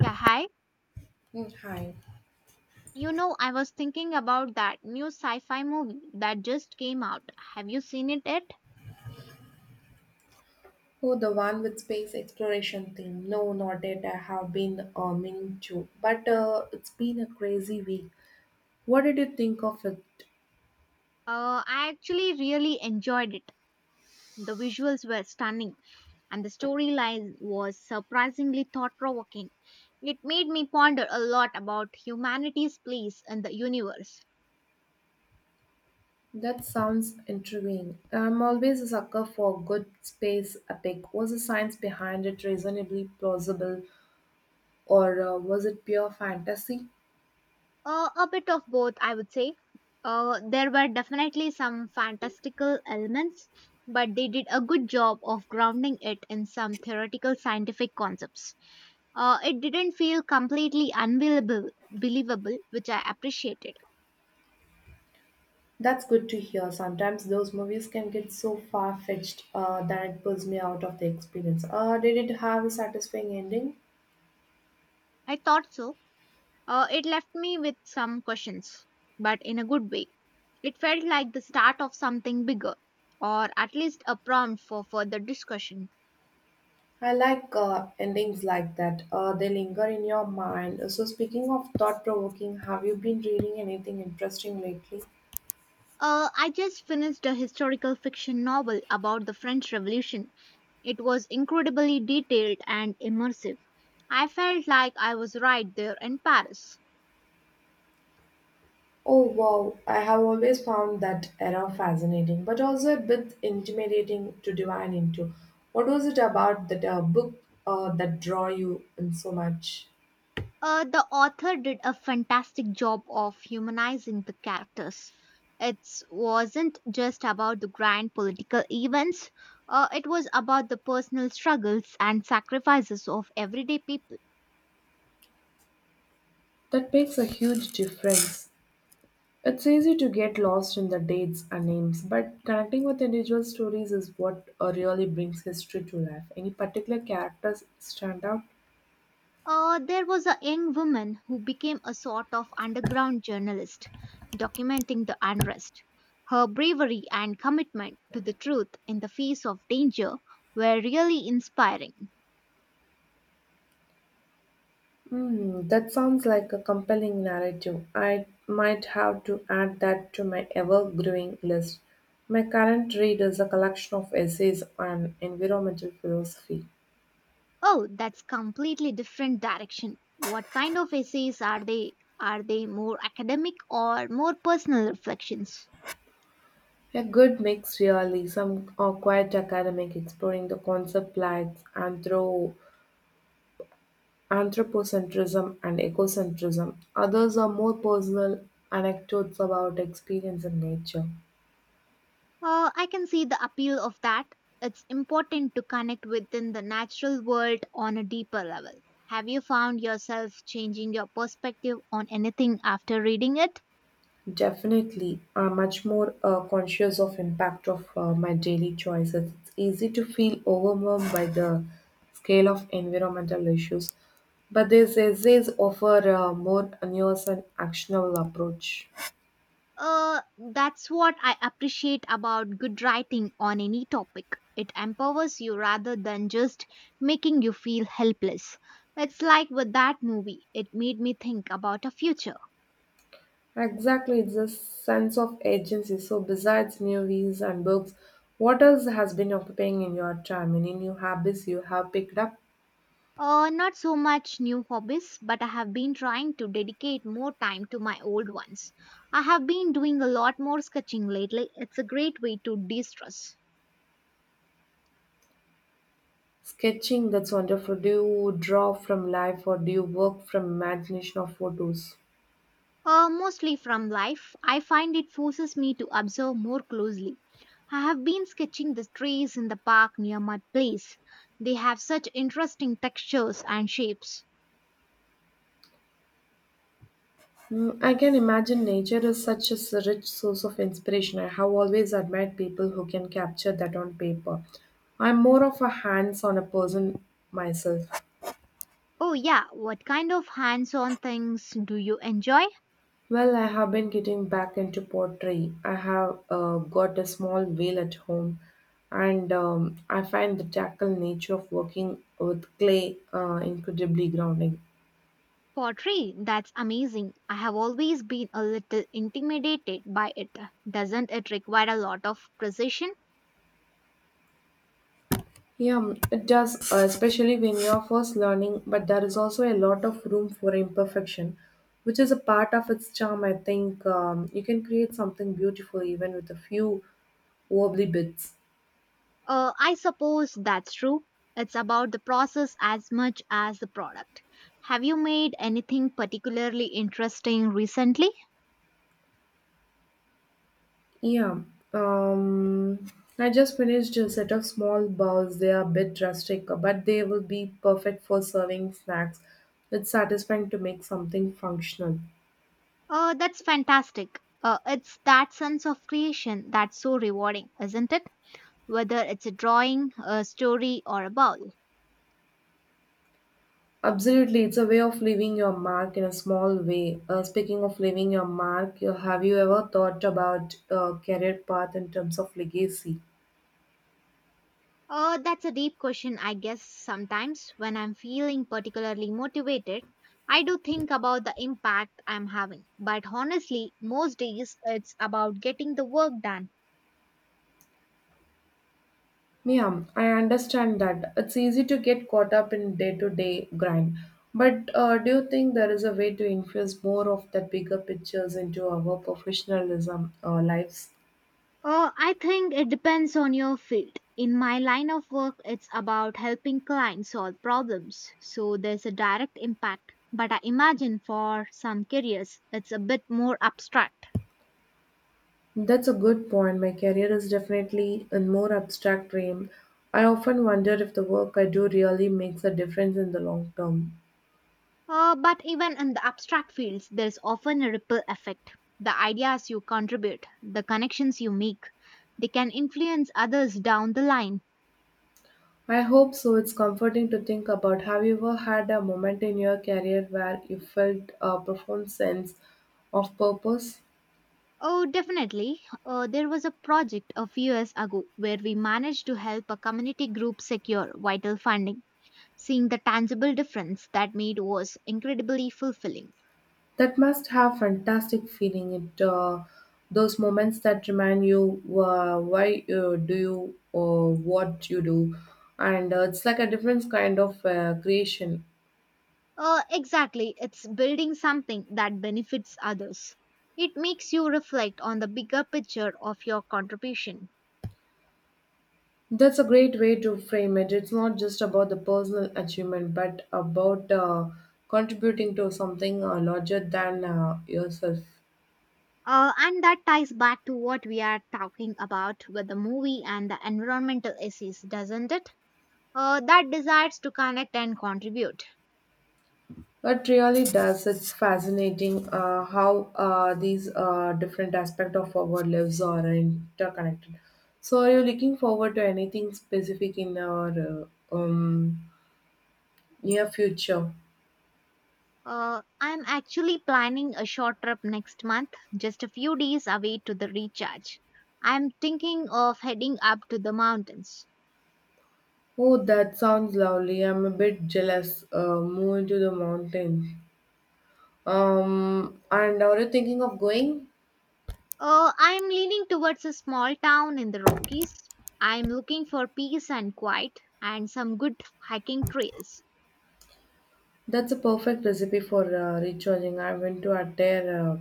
Yeah, hi. Hi. You know, I was thinking about that new sci fi movie that just came out. Have you seen it yet? Oh, the one with space exploration thing. No, not that I have been meaning to. But it's been a crazy week. What did you think of it? I actually really enjoyed it. The visuals were stunning, and the storyline was surprisingly thought provoking. It made me ponder a lot about humanity's place in the universe. That sounds intriguing. I'm always a sucker for good space epic. Was the science behind it reasonably plausible, or was it pure fantasy? A bit of both, I would say. There were definitely some fantastical elements, but they did a good job of grounding it in some theoretical scientific concepts. It didn't feel completely believable, which I appreciated. That's good to hear. Sometimes those movies can get so far fetched that it pulls me out of the experience. Did it have a satisfying ending? I thought so. It left me with some questions, but in a good way. It felt like the start of something bigger, or at least a prompt for further discussion. I like endings like that. They linger in your mind. So, speaking of thought provoking, have you been reading anything interesting lately? I just finished a historical fiction novel about the French Revolution. It was incredibly detailed and immersive. I felt like I was right there in Paris. Oh, wow. I have always found that era fascinating, but also a bit intimidating to divine into. What was it about that book that draw you in so much? The author did a fantastic job of humanizing the characters. It wasn't just about the grand political events, it was about the personal struggles and sacrifices of everyday people. That makes a huge difference. It's easy to get lost in the dates and names, but connecting with individual stories is what really brings history to life. Any particular characters stand out? There was a young woman who became a sort of underground journalist, documenting the unrest. Her bravery and commitment to the truth in the face of danger were really inspiring. Hmm, that sounds like a compelling narrative. I might have to add that to my ever growing list. My current read is a collection of essays on environmental philosophy. Oh, that's completely different direction. What kind of essays are they? Are they more academic or more personal reflections? A good mix, really. Some are quite academic, exploring the concept like anthropocentrism and ecocentrism. Others are more personal anecdotes about experience in nature. I can see the appeal of that. It's important to connect within the natural world on a deeper level. Have you found yourself changing your perspective on anything after reading it? Definitely, I'm much more conscious of impact of my daily choices. It's easy to feel overwhelmed by the scale of environmental issues, but these essays offer a more nuanced and actionable approach. Uh, that's what I appreciate about good writing on any topic. It empowers you rather than just making you feel helpless. It's like with that movie, it made me think about a future. Exactly, it's a sense of agency. So, besides movies and books, what else has been occupying in your time? Any new habits you have picked up? Not so much new hobbies, but I have been trying to dedicate more time to my old ones. I have been doing a lot more sketching lately. It's a great way to de stress. Sketching, that's wonderful. Do you draw from life or do you work from imagination or photos? Mostly from life, I find it forces me to observe more closely. I have been sketching the trees in the park near my place. They have such interesting textures and shapes. I can imagine nature is such a rich source of inspiration. I have always admired people who can capture that on paper. I'm more of a hands on a person myself. Oh, yeah, what kind of hands on things do you enjoy? Well, I have been getting back into pottery. I have got a small wheel at home, and I find the tackle nature of working with clay incredibly grounding. Pottery, that's amazing. I have always been a little intimidated by it. Doesn't it require a lot of precision? Yeah, it does, especially when you are first learning, but there is also a lot of room for imperfection, which is a part of its charm. I think you can create something beautiful even with a few wobbly bits. I suppose that's true. It's about the process as much as the product. Have you made anything particularly interesting recently? Yeah. Um, I just finished a set of small balls. They are a bit rustic, but they will be perfect for serving snacks. It's satisfying to make something functional. That's fantastic. It's that sense of creation that's so rewarding, isn't it? Whether it's a drawing, a story, or a bowl. Absolutely, it's a way of leaving your mark in a small way. Speaking of leaving your mark, have you ever thought about a career path in terms of legacy? That's a deep question, I guess. Sometimes when I'm feeling particularly motivated, I do think about the impact I'm having. But honestly, most days it's about getting the work done. Yeah, I understand that. It's easy to get caught up in day-to-day grind. But do you think there is a way to infuse more of that bigger pictures into our professionalism lives? I think it depends on your field. In my line of work, it's about helping clients solve problems, so there's a direct impact. But I imagine for some careers, it's a bit more abstract. That's a good point. My career is definitely in more abstract realm. I often wonder if the work I do really makes a difference in the long term. But even in the abstract fields, there's often a ripple effect. The ideas you contribute, the connections you make, they can influence others down the line. I hope so. It's comforting to think about. Have you ever had a moment in your career where you felt a profound sense of purpose? Oh, definitely. There was a project a few years ago where we managed to help a community group secure vital funding. Seeing the tangible difference that made was incredibly fulfilling. That must have fantastic feeling. It those moments that remind you why do you what you do, and it's like a different kind of creation. Exactly, it's building something that benefits others. It makes you reflect on the bigger picture of your contribution. That's a great way to frame it. It's not just about the personal achievement, but about contributing to something larger than yourself. And that ties back to what we are talking about with the movie and the environmental essays, doesn't it? That desires to connect and contribute. It really does. It's fascinating how these different aspects of our lives are interconnected. So, are you looking forward to anything specific in our near future? I'm actually planning a short trip next month, just a few days away to the recharge. I'm thinking of heading up to the mountains. Oh, that sounds lovely. I'm a bit jealous. Moving to the mountain. And are you thinking of going? I'm leaning towards a small town in the Rockies. I'm looking for peace and quiet and some good hiking trails. That's a perfect recipe for recharging. I went to Adair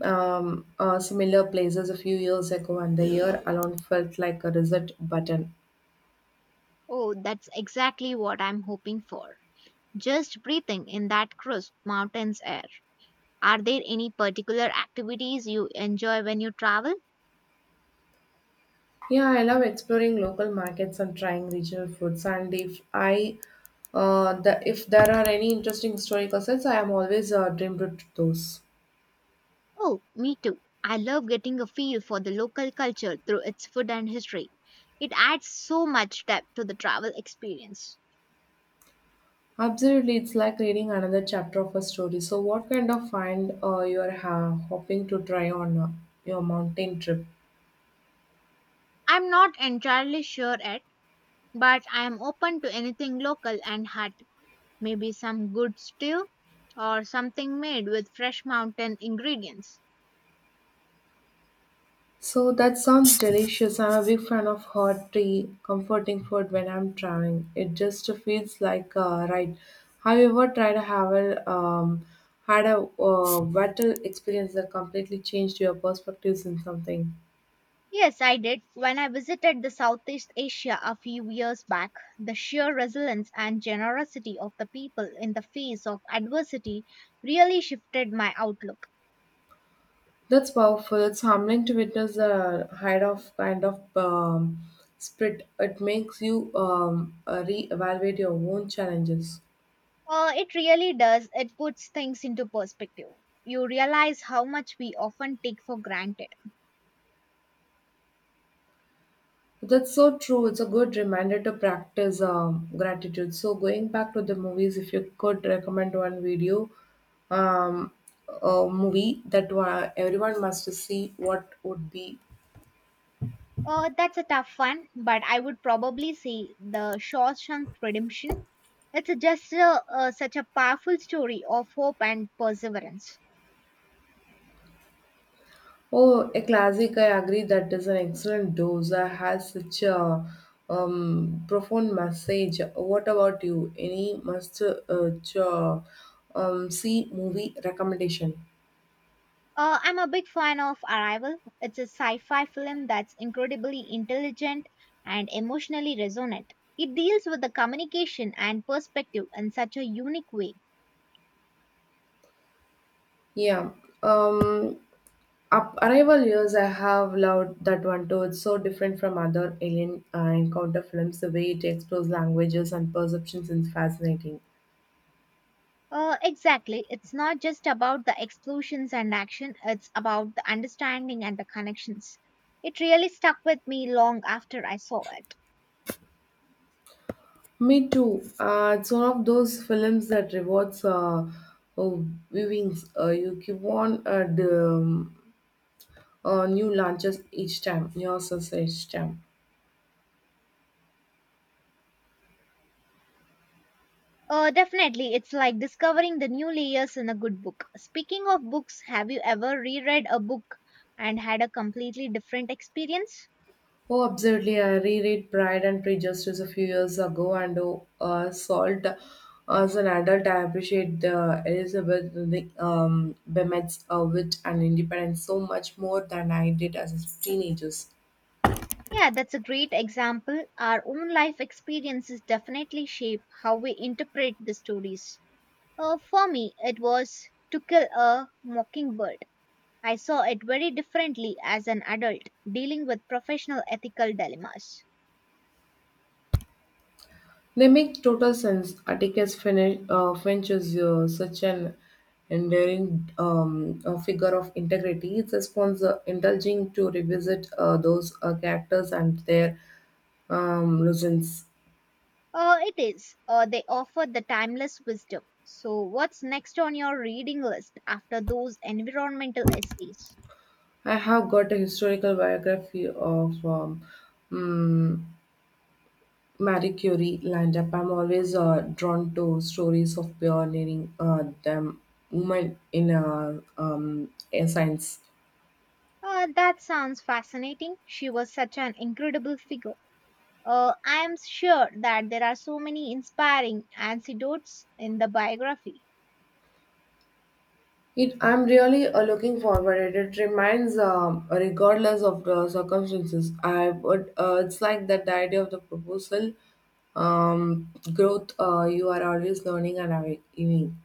Similar places a few years ago, and the year alone felt like a reset button. Oh, that's exactly what I'm hoping for. Just breathing in that crisp mountains air. Are there any particular activities you enjoy when you travel? Yeah, I love exploring local markets and trying regional foods. And if there are any interesting historical sites, I am always dreamed of those. Oh, me too. I love getting a feel for the local culture through its food and history. It adds so much depth to the travel experience. Absolutely, it's like reading another chapter of a story. So, what kind of find you are hoping to try on your mountain trip? I'm not entirely sure yet, but I am open to anything local and hot. Maybe some good stew or something made with fresh mountain ingredients. So that sounds delicious. I'm a big fan of hot tea, comforting food when I'm traveling. It just feels like a ride. Have you ever tried to have a had a battle experience that completely changed your perspectives in something? Yes, I did. When I visited the Southeast Asia a few years back, the sheer resilience and generosity of the people in the face of adversity really shifted my outlook. That's powerful. It's humbling to witness the height of kind of spirit. It makes you re-evaluate your own challenges. It really does. It puts things into perspective. You realize how much we often take for granted. That's so true. It's a good reminder to practice gratitude. So, going back to the movies, if you could recommend one video, um, a movie that everyone must see, what would be? That's a tough one, but I would probably say The Shawshank Redemption. It's just a such a powerful story of hope and perseverance. Oh, a classic. I agree. That is an excellent dose. I has such a profound message. What about you? Any must see movie recommendation? I'm a big fan of Arrival. It's a sci fi film that's incredibly intelligent and emotionally resonant. It deals with the communication and perspective in such a unique way. Yeah. Um, Up Arrival years, I have loved that one too. It's so different from other alien encounter films. The way it explores languages and perceptions is fascinating. Exactly. It's not just about the explosions and action, it's about the understanding and the connections. It really stuck with me long after I saw it. Me too. It's one of those films that rewards oh, viewings. You keep on new launches each time, new sources each time. Definitely, it's like discovering the new layers in a good book. Speaking of books, have you ever reread a book and had a completely different experience? Oh, absolutely. I reread Pride and Prejudice a few years ago and Salt. As an adult, I appreciate the Elizabeth Bennet's wit and independence so much more than I did as a teenager. Yeah, that's a great example. Our own life experiences definitely shape how we interpret the stories. For me, it was To Kill a Mockingbird. I saw it very differently as an adult dealing with professional ethical dilemmas. They make total sense. Finch is such an enduring figure of integrity. It's a sponsor indulging to revisit those characters and their lessons. It is. They offer the timeless wisdom. So, what's next on your reading list after those environmental essays? I have got a historical biography of mm, Marie Curie lined up. I'm always drawn to stories of pioneering them women in science. That sounds fascinating. She was such an incredible figure. I am sure that there are so many inspiring anecdotes in the biography. It, I'm really looking forward. It reminds, regardless of the circumstances, I would. It's like that the idea of the proposal, growth. You are always learning and awakening.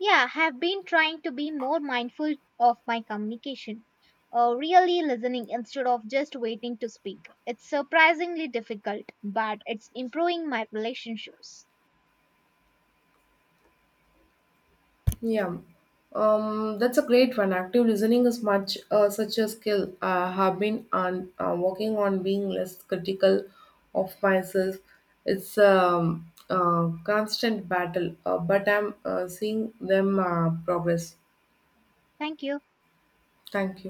Yeah, have been trying to be more mindful of my communication, really listening instead of just waiting to speak. It's surprisingly difficult, but it's improving my relationships. Yeah, that's a great one. Active listening is much such a skill. I have been on working on being less critical of myself. It's a constant battle, but I'm seeing them progress. Thank you. Thank you.